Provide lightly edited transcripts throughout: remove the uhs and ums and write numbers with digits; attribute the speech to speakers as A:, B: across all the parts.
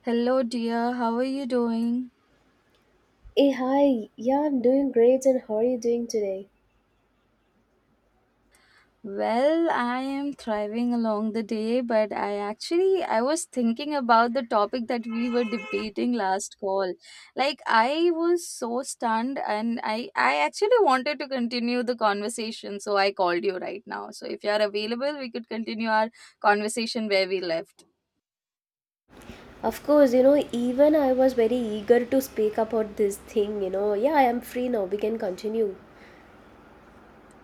A: Hello, dear. How are you doing?
B: Hey, hi. Yeah, I'm doing great. And how are you doing today?
A: Well, I am thriving along the day, but I actually I was thinking about the topic that we were debating last call. Like I was so stunned and I actually wanted to continue the conversation, so I called you right now. So if you are available, we could continue our conversation where we left.
B: Of course, you know, even I was very eager to speak about this thing, you know. Yeah, I am free now. We can continue.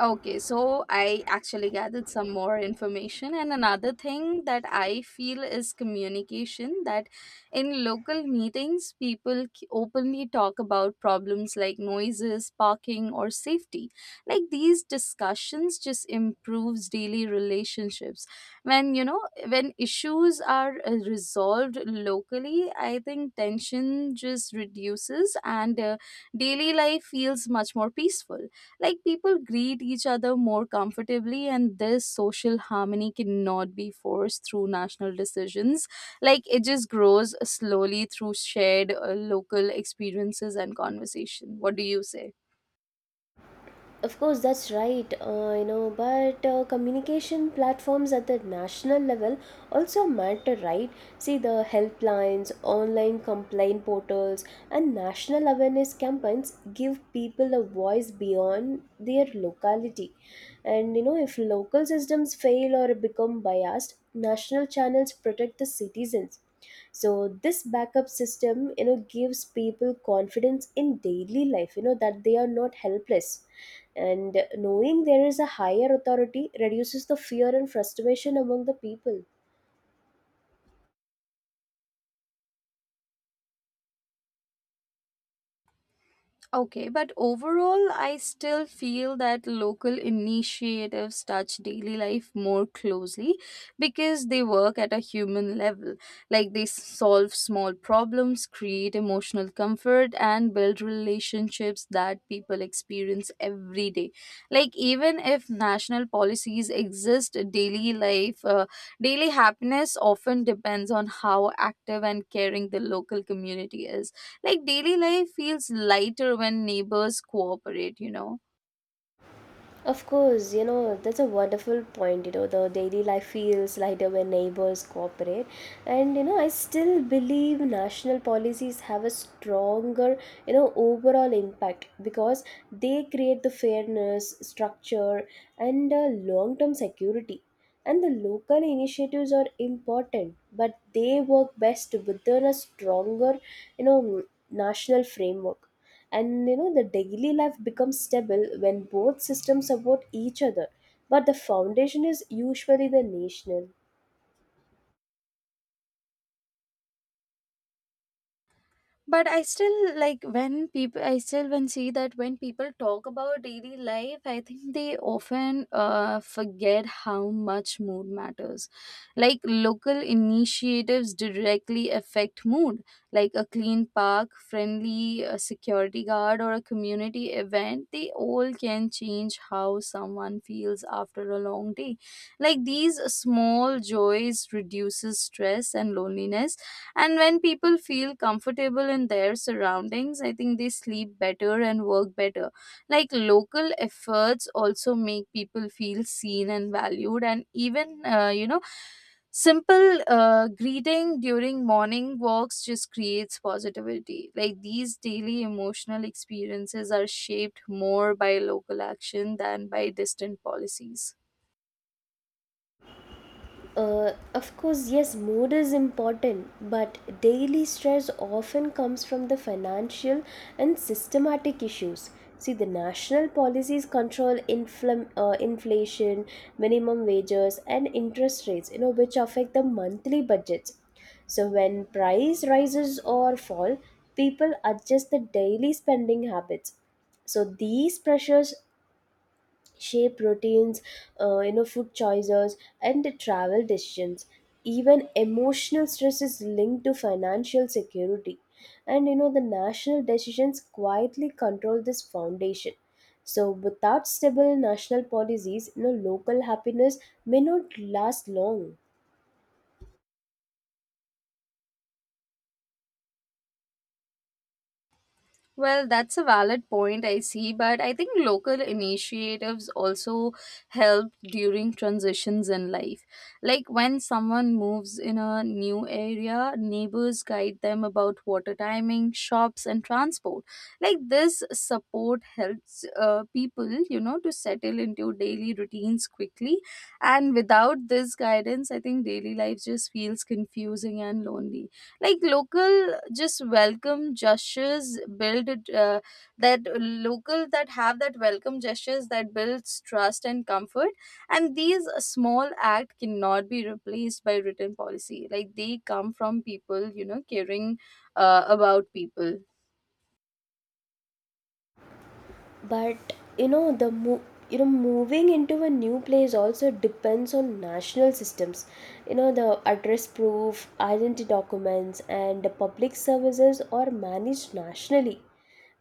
A: Okay, so I actually gathered some more information, and another thing that I feel is communication. That in local meetings, openly talk about problems like noises, parking, or safety. Like these discussions just improves daily relationships. When issues are resolved locally, I think tension just reduces, and daily life feels much more peaceful. Like people greet each other more comfortably, and this social harmony cannot be forced through national decisions. Like it just grows slowly through shared local experiences and conversation. What do you say?
B: Of course, that's right, you know, but communication platforms at the national level also matter, right? See, the helplines, online complaint portals, and national awareness campaigns give people a voice beyond their locality. And, you know, if local systems fail or become biased, national channels protect the citizens. So this backup system, you know, gives people confidence in daily life, you know, that they are not helpless. And knowing there is a higher authority reduces the fear and frustration among the people.
A: Okay, but overall, I still feel that local initiatives touch daily life more closely because they work at a human level. Like they solve small problems, create emotional comfort, and build relationships that people experience every day. Like even if national policies exist, daily happiness often depends on how active and caring the local community is, like daily life feels lighter when neighbors cooperate, you know.
B: Of course, you know, that's a wonderful point. You know, the daily life feels lighter when neighbors cooperate. And, you know, I still believe national policies have a stronger, you know, overall impact because they create the fairness, structure, and long term security. And the local initiatives are important, but they work best within a stronger, you know, national framework. And you know, the daily life becomes stable when both systems support each other, but the foundation is usually the national.
A: But I still like when people I still when see that when people talk about daily life, I think they often forget how much mood matters. Like local initiatives directly affect mood, like a clean park, friendly security guard, or a community event, they all can change how someone feels after a long day. Like these small joys reduces stress and loneliness, and when people feel comfortable in their surroundings, I think they sleep better and work better. Like local efforts also make people feel seen and valued, and even, you know, simple greeting during morning walks just creates positivity, like these daily emotional experiences are shaped more by local action than by distant policies.
B: Of course, yes, mood is important, but daily stress often comes from the financial and systematic issues. See, the national policies control inflation, minimum wages, and interest rates, you know, which affect the monthly budgets. So when price rises or fall, people adjust the daily spending habits. So these pressures shape routines, you know, food choices, and the travel decisions. Even emotional stress is linked to financial security, and you know, the national decisions quietly control this foundation. So, without stable national policies, you know, local happiness may not last long.
A: Well, that's a valid point, I see, but I think local initiatives also help during transitions in life. Like when someone moves in a new area, neighbors guide them about water timing, shops, and transport. Like this support helps people, you know, to settle into daily routines quickly. And without this guidance, I think daily life just feels confusing and lonely. Like local just welcome gestures build uh, that local that have that welcome gestures that builds trust and comfort, and these small act cannot be replaced by written policy, like they come from people, you know, caring about people.
B: But you know you know, moving into a new place also depends on national systems. You know, the address proof, identity documents, and the public services are managed nationally.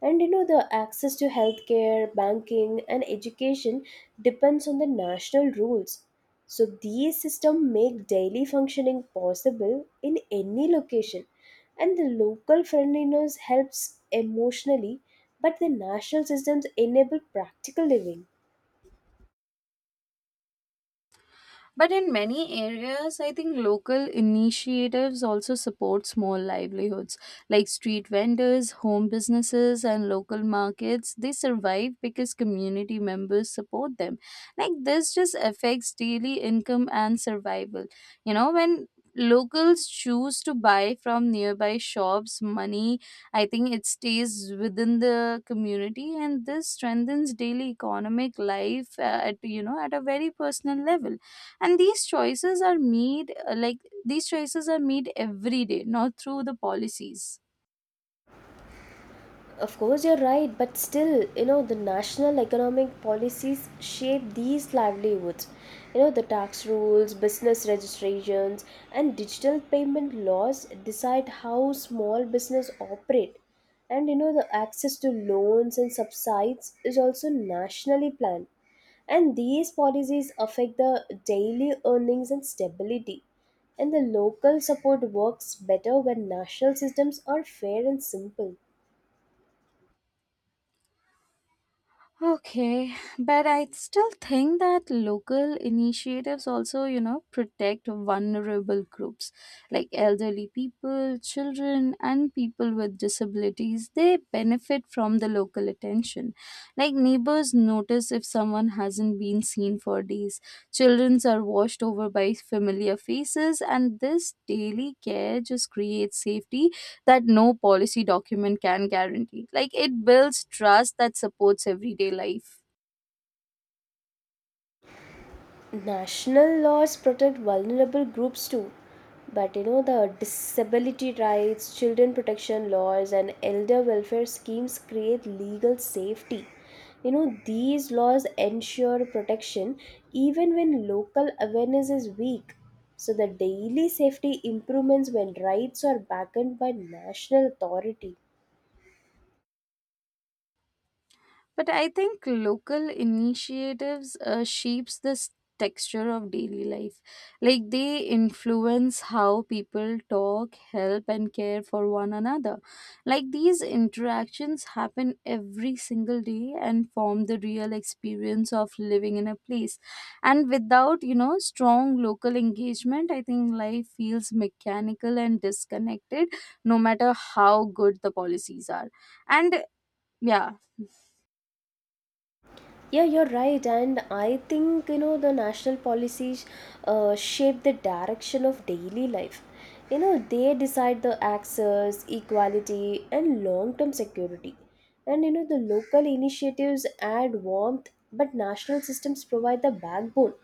B: And you know, the access to healthcare, banking, and education depends on the national rules. So these systems make daily functioning possible in any location. And the local friendliness helps emotionally, but the national systems enable practical living.
A: But in many areas, I think local initiatives also support small livelihoods like street vendors, home businesses, and local markets. They survive because community members support them. Like this just affects daily income and survival. You know, when locals choose to buy from nearby shops money, I think it stays within the community, and this strengthens daily economic life at, you know, at a very personal level. And these choices are made every day, not through the policies.
B: Of course, you're right, but still, you know, the national economic policies shape these livelihoods. You know, the tax rules, business registrations, and digital payment laws decide how small business operate. And you know, the access to loans and subsides is also nationally planned. And these policies affect the daily earnings and stability. And the local support works better when national systems are fair and simple.
A: Okay, but I still think that local initiatives also, you know, protect vulnerable groups like elderly people, children, and people with disabilities. They benefit from the local attention. Like neighbors notice if someone hasn't been seen for days. Childrens are washed over by familiar faces, and this daily care just creates safety that no policy document can guarantee. Like it builds trust that supports everyday life.
B: National laws protect vulnerable groups too, but you know, the disability rights, children protection laws, and elder welfare schemes create legal safety. You know, these laws ensure protection even when local awareness is weak. So the daily safety improvements when rights are backed by national authority.
A: But I think local initiatives shapes this texture of daily life. Like they influence how people talk, help and care for one another. Like these interactions happen every single day and form the real experience of living in a place. And without, you know, strong local engagement, I think life feels mechanical and disconnected no matter how good the policies are. And yeah.
B: Yeah, you're right. And I think, you know, the national policies shape the direction of daily life. You know, they decide the access, equality, and long term security. And, you know, the local initiatives add warmth, but national systems provide the backbone.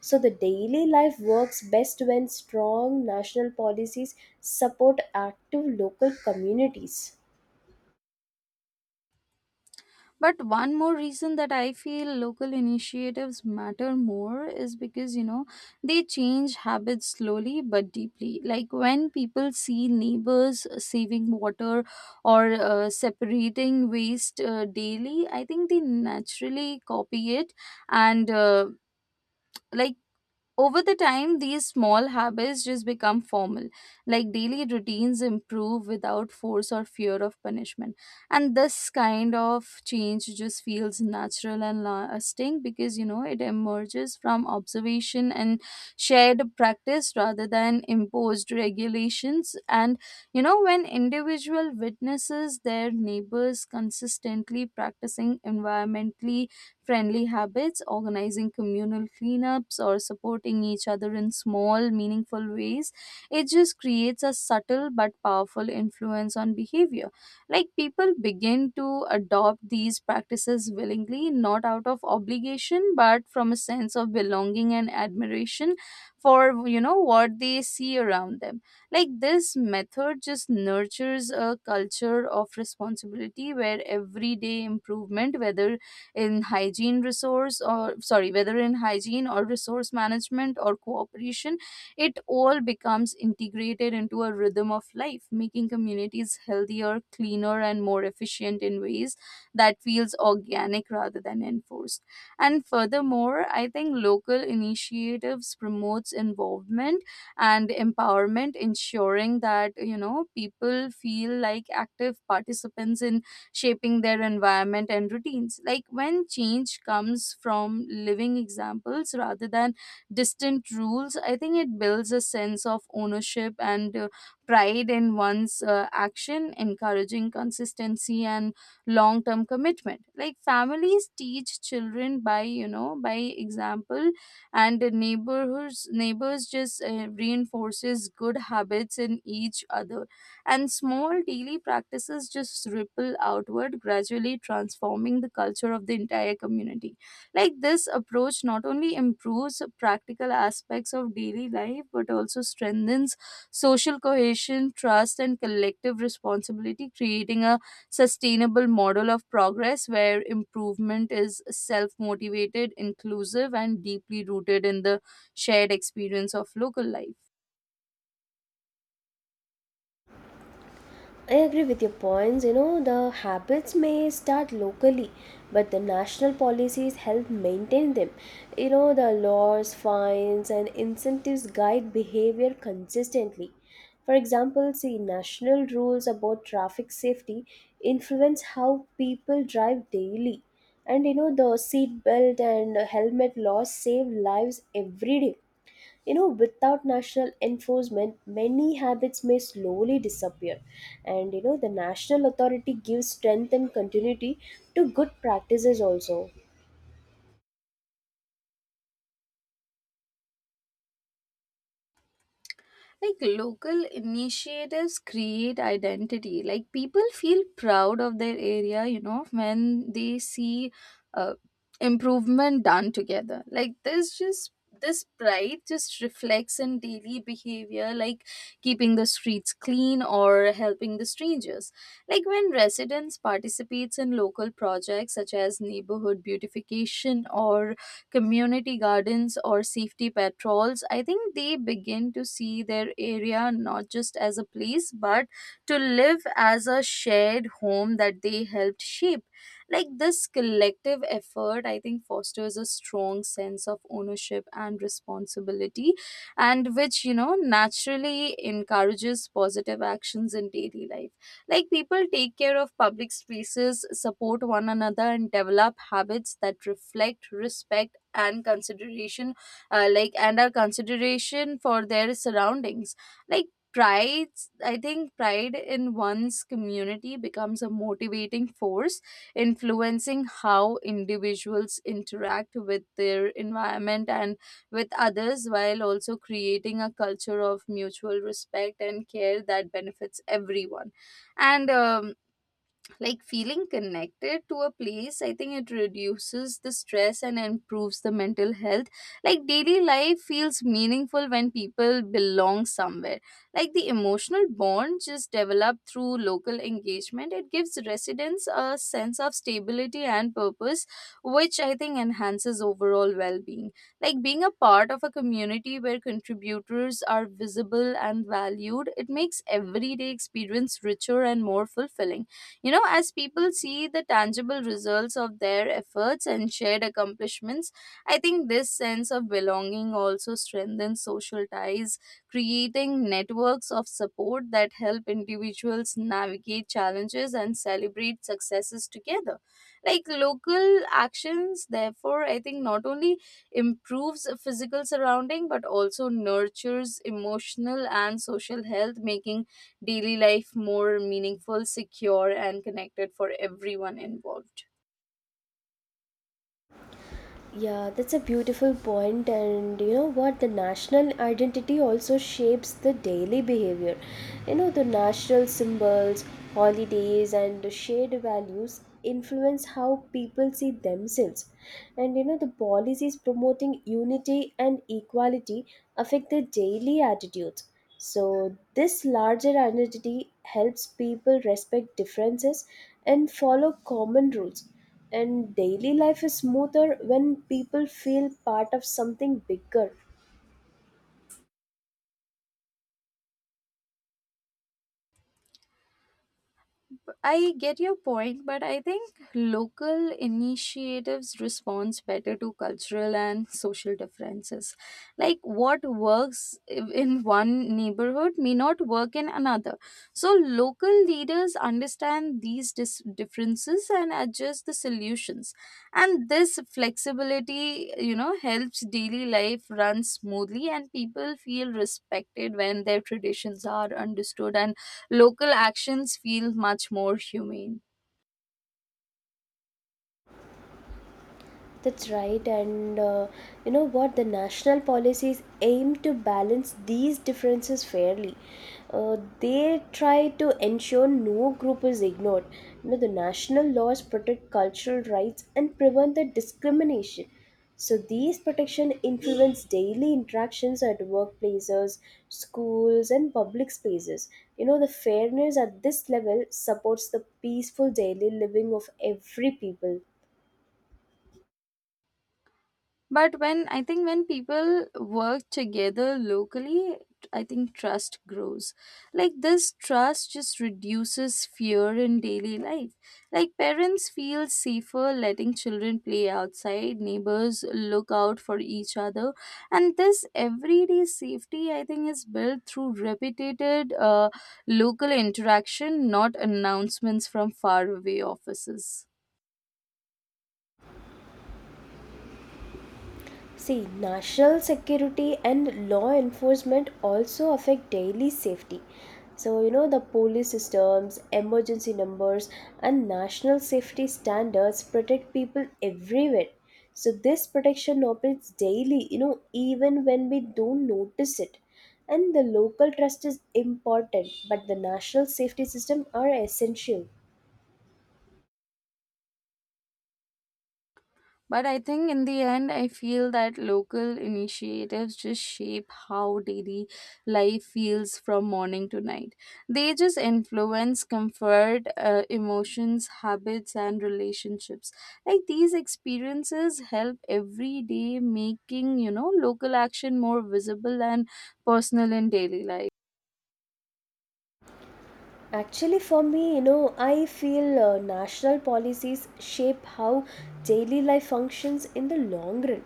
B: So the daily life works best when strong national policies support active local communities.
A: But one more reason that I feel local initiatives matter more is because, you know, they change habits slowly but deeply. Like when people see neighbors saving water or separating waste daily, I think they naturally copy it, and like over the time these small habits just become formal. Like daily routines improve without force or fear of punishment, and this kind of change just feels natural and lasting because, you know, it emerges from observation and shared practice rather than imposed regulations. And you know, when individual witnesses their neighbors consistently practicing environmentally friendly habits, organizing communal cleanups, or supporting each other in small, meaningful ways, it just creates a subtle but powerful influence on behavior. Like people begin to adopt these practices willingly, not out of obligation, but from a sense of belonging and admiration for, you know, what they see around them. Like this method just nurtures a culture of responsibility where everyday improvement, whether in hygiene resource or sorry, whether in hygiene or resource management or cooperation, it all becomes integrated into a rhythm of life, making communities healthier, cleaner, and more efficient in ways that feels organic rather than enforced. And furthermore, I think local initiatives promotes involvement and empowerment, ensuring that, you know, people feel like active participants in shaping their environment and routines. Like when change comes from living examples rather than distant rules, I think it builds a sense of ownership and pride in one's action, encouraging consistency and long term commitment. Like families teach children by, you know, by example, and the neighborhoods neighbors just reinforces good habits in each other, and small daily practices just ripple outward, gradually transforming the culture of the entire community. Like this approach not only improves practical aspects of daily life but also strengthens social cohesion, trust, and collective responsibility, creating a sustainable model of progress where improvement is self motivated, inclusive, and deeply rooted in the shared experience of local life.
B: I agree with your points. You know, the habits may start locally, but the national policies help maintain them. You know, the laws, fines, and incentives guide behavior consistently. For example, see, national rules about traffic safety influence how people drive daily. And you know, the seatbelt and helmet laws save lives every day. You know, without national enforcement, many habits may slowly disappear. And you know, the national authority gives strength and continuity to good practices also.
A: Like local initiatives create identity, like people feel proud of their area, you know, when they see uh, improvement done together, like there's just this pride just reflects in daily behavior, like keeping the streets clean or helping the strangers. Like when residents participates in local projects such as neighborhood beautification or community gardens or safety patrols, I think they begin to see their area not just as a place but to live as a shared home that they helped shape. Like this collective effort, I think, fosters a strong sense of ownership and responsibility, and which, you know, naturally encourages positive actions in daily life. Like people take care of public spaces, support one another, and develop habits that reflect respect and consideration, and our consideration for their surroundings. Like pride I think pride in one's community becomes a motivating force influencing how individuals interact with their environment and with others, while also creating a culture of mutual respect and care that benefits everyone. And like feeling connected to a place, I think it reduces the stress and improves the mental health. Like daily life feels meaningful when people belong somewhere. Like the emotional bond just developed through local engagement, it gives residents a sense of stability and purpose, which I think enhances overall well-being. Like being a part of a community where contributors are visible and valued, it makes everyday experience richer and more fulfilling. You know, as people see the tangible results of their efforts and shared accomplishments, I think this sense of belonging also strengthens social ties, creating networks of support that help individuals navigate challenges and celebrate successes together. Like local actions, therefore, I think, not only improves physical surrounding but also nurtures emotional and social health, making daily life more meaningful, secure, and connected for everyone involved.
B: Yeah, that's a beautiful point, and you know what? The national identity also shapes the daily behavior. You know, the national symbols, holidays, and the shared values influence how people see themselves. And you know, the policies promoting unity and equality affect their daily attitudes. So, this larger identity helps people respect differences and follow common rules. And daily life is smoother when people feel part of something bigger.
A: I get your point, but I think local initiatives responds better to cultural and social differences. Like what works in one neighborhood may not work in another. So local leaders understand these differences and adjust the solutions. And this flexibility, you know, helps daily life run smoothly and people feel respected when their traditions are understood and local actions feel much more humane.
B: That's right, and you know what? The national policies aim to balance these differences fairly. They try to ensure no group is ignored. You know, the national laws protect cultural rights and prevent the discrimination. So these protection influence daily interactions at workplaces, schools, and public spaces. You know, the fairness at this level supports the peaceful daily living of every people.
A: But when I think when people work together locally, I think trust grows. Like this trust just reduces fear in daily life. Like parents feel safer letting children play outside, neighbors look out for each other, and this everyday safety, I think, is built through repeated local interaction, not announcements from faraway offices.
B: See, national security and law enforcement also affect daily safety. So, you know, the police systems, emergency numbers, and national safety standards protect people everywhere. So, this protection operates daily, you know, even when we don't notice it. And the local trust is important, but the national safety system are essential.
A: But I think in the end, I feel that local initiatives just shape how daily life feels from morning to night. They just influence comfort, emotions, habits, and relationships. Like these experiences help every day, making, you know, local action more visible and personal in daily life.
B: Actually, for me, you know, I feel national policies shape how daily life functions in the long run.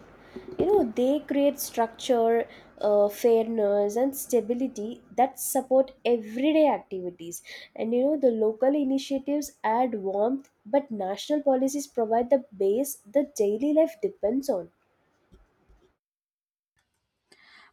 B: You know, they create structure, fairness, and stability that support everyday activities. And you know, the local initiatives add warmth, but national policies provide the base the daily life depends on.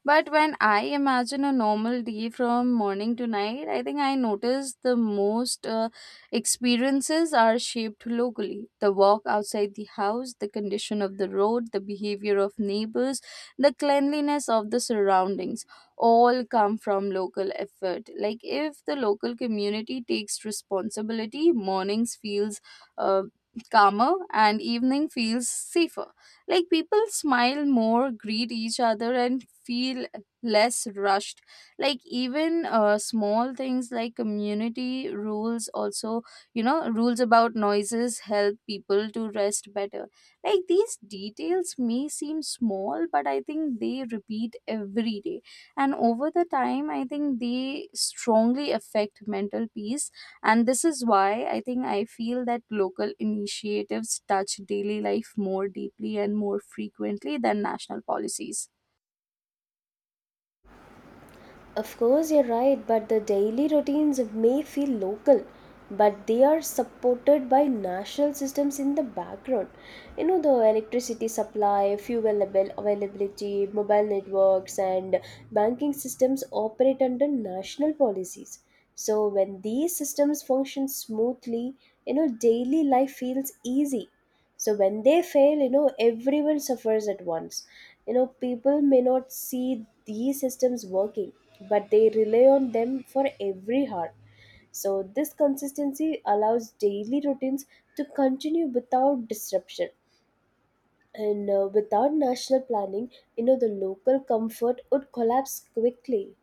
A: But when I imagine a normal day from morning to night, I think I notice the most experiences are shaped locally. The walk outside the house, the condition of the road, the behavior of neighbors, the cleanliness of the surroundings all come from local effort. Like if the local community takes responsibility, mornings feels uh, calmer and evening feels safer, like people smile more, greet each other, and feel less rushed. Like even small things like community rules, also, you know, rules about noises help people to rest better. Like these details may seem small, but I think they repeat every day. And over the time, I think they strongly affect mental peace, and this is why I think I feel that local initiatives touch daily life more deeply and more frequently than national policies.
B: Of course, you're right, but the daily routines may feel local, but they are supported by national systems in the background. You know, the electricity supply, availability, mobile networks, and banking systems operate under national policies. So, when these systems function smoothly, you know, daily life feels easy. So when they fail, you know, everyone suffers at once. You know, people may not see these systems working, but they rely on them for every hour. So this consistency allows daily routines to continue without disruption. And without national planning, you know, the local comfort would collapse quickly.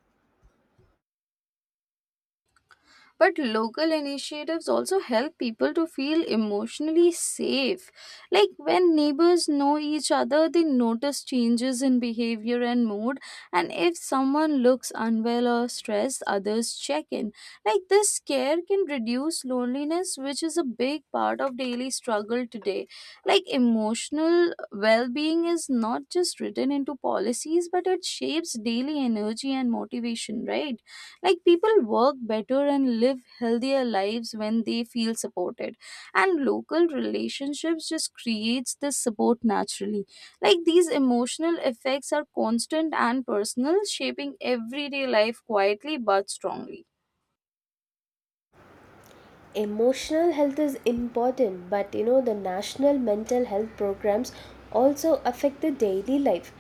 A: But local initiatives also help people to feel emotionally safe. Like when neighbors know each other, they notice changes in behavior and mood. And if someone looks unwell or stressed, others check in. Like this care can reduce loneliness, which is a big part of daily struggle today. Like emotional well being is not just written into policies, but it shapes daily energy and motivation, right? Like people work better and live healthier lives when they feel supported. And local relationships just creates this support naturally. Like these emotional effects are constant and personal, shaping everyday life quietly but strongly.
B: Emotional health is important, but you know, the national mental health programs also affect the daily life.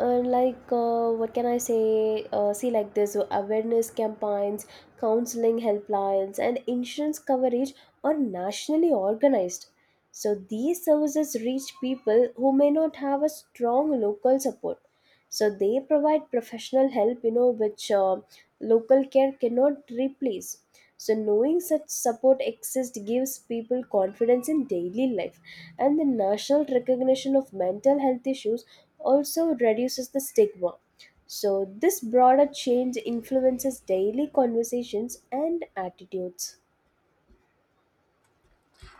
B: uh, like, what can I say, see, like this, awareness campaigns, counseling helplines, and insurance coverage are nationally organized. So these services reach people who may not have a strong local support. So they provide professional help, you know, which local care cannot replace. So knowing such support exists gives people confidence in daily life. And the national recognition of mental health issues also reduces the stigma. So this broader change influences daily conversations and attitudes.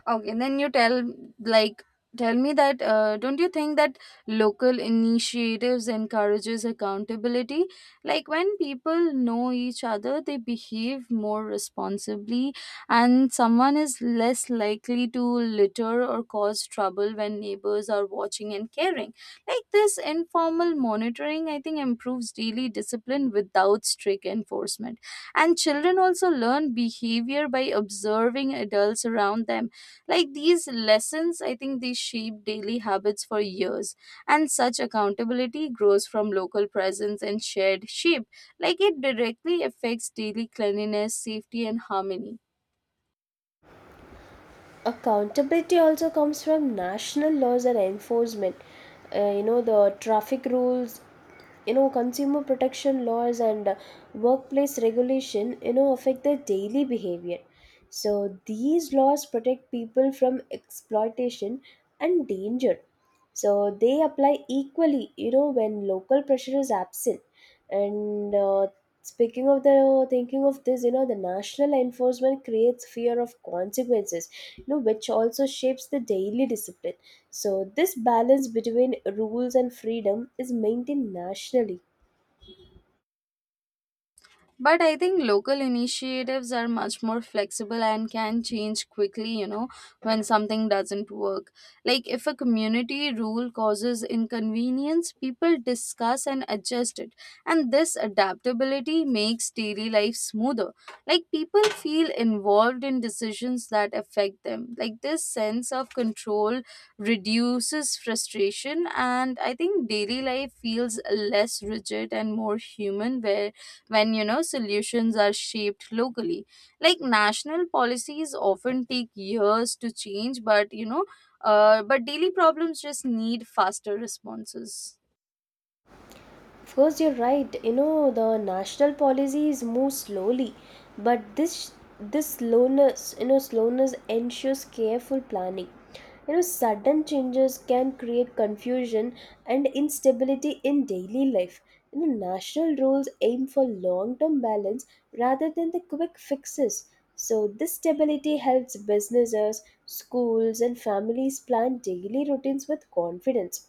A: Okay, then you tell, like, tell me that, don't you think that local initiatives encourages accountability? Like when people know each other, they behave more responsibly, and someone is less likely to litter or cause trouble when neighbors are watching and caring. Like this informal monitoring, I think, improves daily discipline without strict enforcement. And children also learn behavior by observing adults around them. Like these lessons, I think, they shape daily habits for years, and such accountability grows from local presence and shared shape. Like it directly affects daily cleanliness, safety, and harmony.
B: Accountability also comes from national laws and enforcement. You know, the traffic rules, you know, consumer protection laws, and workplace regulation, you know, affect their daily behavior. So these laws protect people from exploitation and danger. So they apply equally, you know, when local pressure is absent. And speaking of the thinking of this, you know, the national enforcement creates fear of consequences, you know, which also shapes the daily discipline. So, this balance between rules and freedom is maintained nationally.
A: But I think local initiatives are much more flexible and can change quickly, you know, when something doesn't work. Like if a community rule causes inconvenience, people discuss and adjust it. And this adaptability makes daily life smoother. Like people feel involved in decisions that affect them. Like this sense of control reduces frustration, and I think daily life feels less rigid and more human where, when you know, solutions are shaped locally. Like national policies often take years to change, but you know, but daily problems just need faster responses.
B: Of course, you're right. You know, the national policies move slowly, but this slowness, you know, slowness ensures careful planning. You know, sudden changes can create confusion and instability in daily life. You know, national rules aim for long-term balance rather than the quick fixes. So, this stability helps businesses, schools, and families plan daily routines with confidence.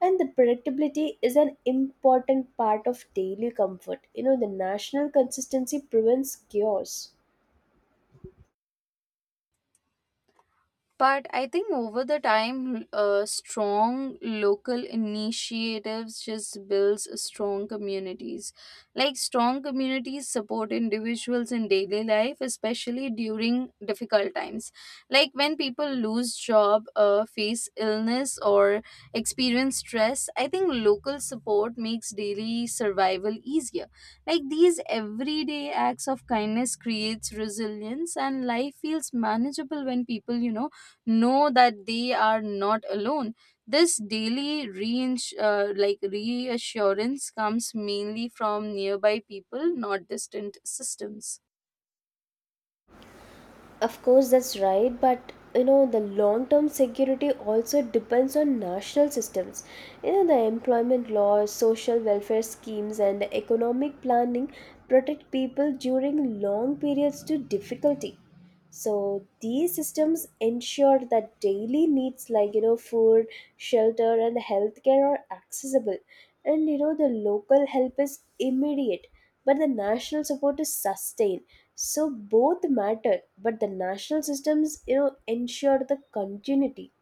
B: And the predictability is an important part of daily comfort. You know, the national consistency prevents chaos.
A: But I think over the time, strong local initiatives just builds strong communities. Like strong communities support individuals in daily life, especially during difficult times. Like when people lose job, face illness, or experience stress, I think local support makes daily survival easier. Like these everyday acts of kindness creates resilience, and life feels manageable when people, you know that they are not alone. This daily like reassurance comes mainly from nearby people, not distant systems.
B: Of course, that's right, but you know, the long-term security also depends on national systems. You know, the employment laws, social welfare schemes, and economic planning protect people during long periods to difficulty. So these systems ensure that daily needs like, you know, food, shelter, and healthcare are accessible, and you know, the local help is immediate, but the national support is sustained. So both matter, but the national systems, you know, ensure the continuity.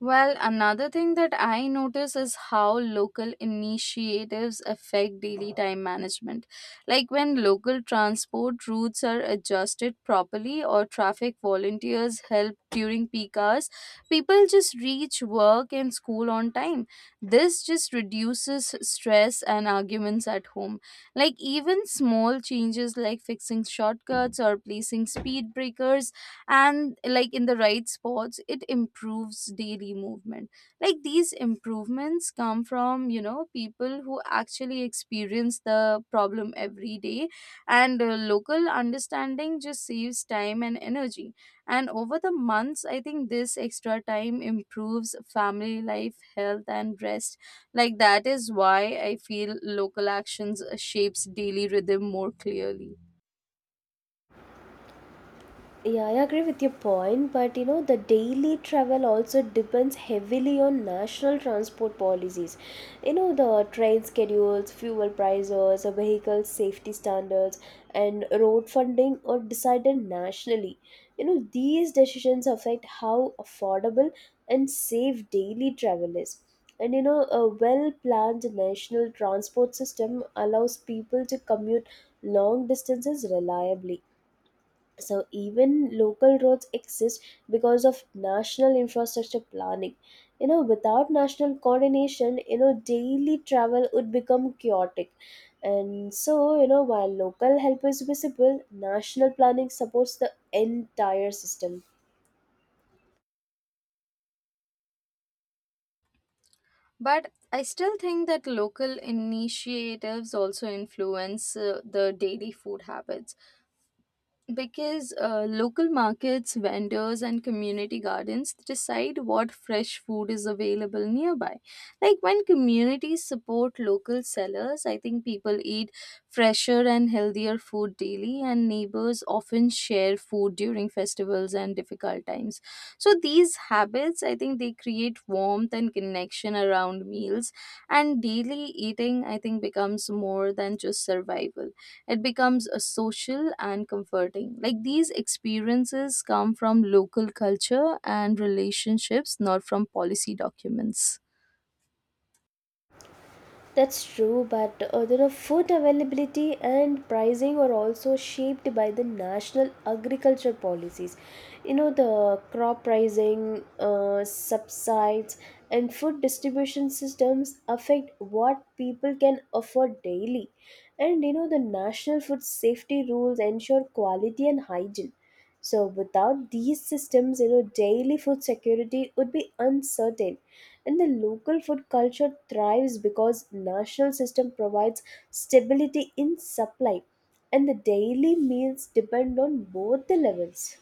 A: Well, another thing that I notice is how local initiatives affect daily time management. Like when local transport routes are adjusted properly or traffic volunteers help during peak hours, people just reach work and school on time. This just reduces stress and arguments at home. Like even small changes like fixing shortcuts or placing speed breakers and like in the right spots, it improves daily movement. Like these improvements come from, you know, people who actually experience the problem every day, and local understanding just saves time and energy. And over the months, I think this extra time improves family life, health, and rest. Like that is why I feel local actions shapes daily rhythm more clearly.
B: Yeah, I agree with your point, but you know, the daily travel also depends heavily on national transport policies. You know, the train schedules, fuel prices, vehicle safety standards, and road funding are decided nationally. You know, these decisions affect how affordable and safe daily travel is. And you know, a well planned national transport system allows people to commute long distances reliably. So even local roads exist because of national infrastructure planning. You know, without national coordination, you know, daily travel would become chaotic. And so, you know, while local help is visible, national planning supports the entire system.
A: But I still think that local initiatives also influence the daily food habits, because local markets, vendors, and community gardens decide what fresh food is available nearby. Like when communities support local sellers, I think people eat fresher and healthier food daily, and neighbors often share food during festivals and difficult times. So these habits, I think, they create warmth and connection around meals, and daily eating, I think, becomes more than just survival. It becomes a social and comforting, like these experiences come from local culture and relationships, not from policy documents.
B: That's true, but you know, food availability and pricing are also shaped by the national agriculture policies. You know, the crop pricing, subsides, and food distribution systems affect what people can afford daily. And you know, the national food safety rules ensure quality and hygiene. So, without these systems, you know, daily food security would be uncertain. And the local food culture thrives because national system provides stability in supply. And the daily meals depend on both the levels.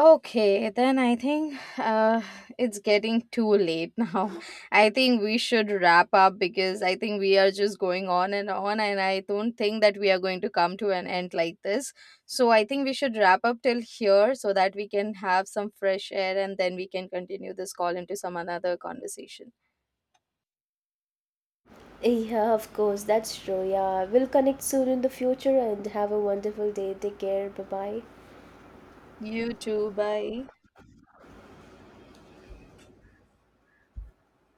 A: Okay, then I think it's getting too late now. I think we should wrap up, because I think we are just going on, and I don't think that we are going to come to an end like this. So I think we should wrap up till here so that we can have some fresh air, and then we can continue this call into some another conversation.
B: Yeah, of course, that's true. Yeah, we'll connect soon in the future and have a wonderful day. Take care. Bye bye.
A: You too. Bye.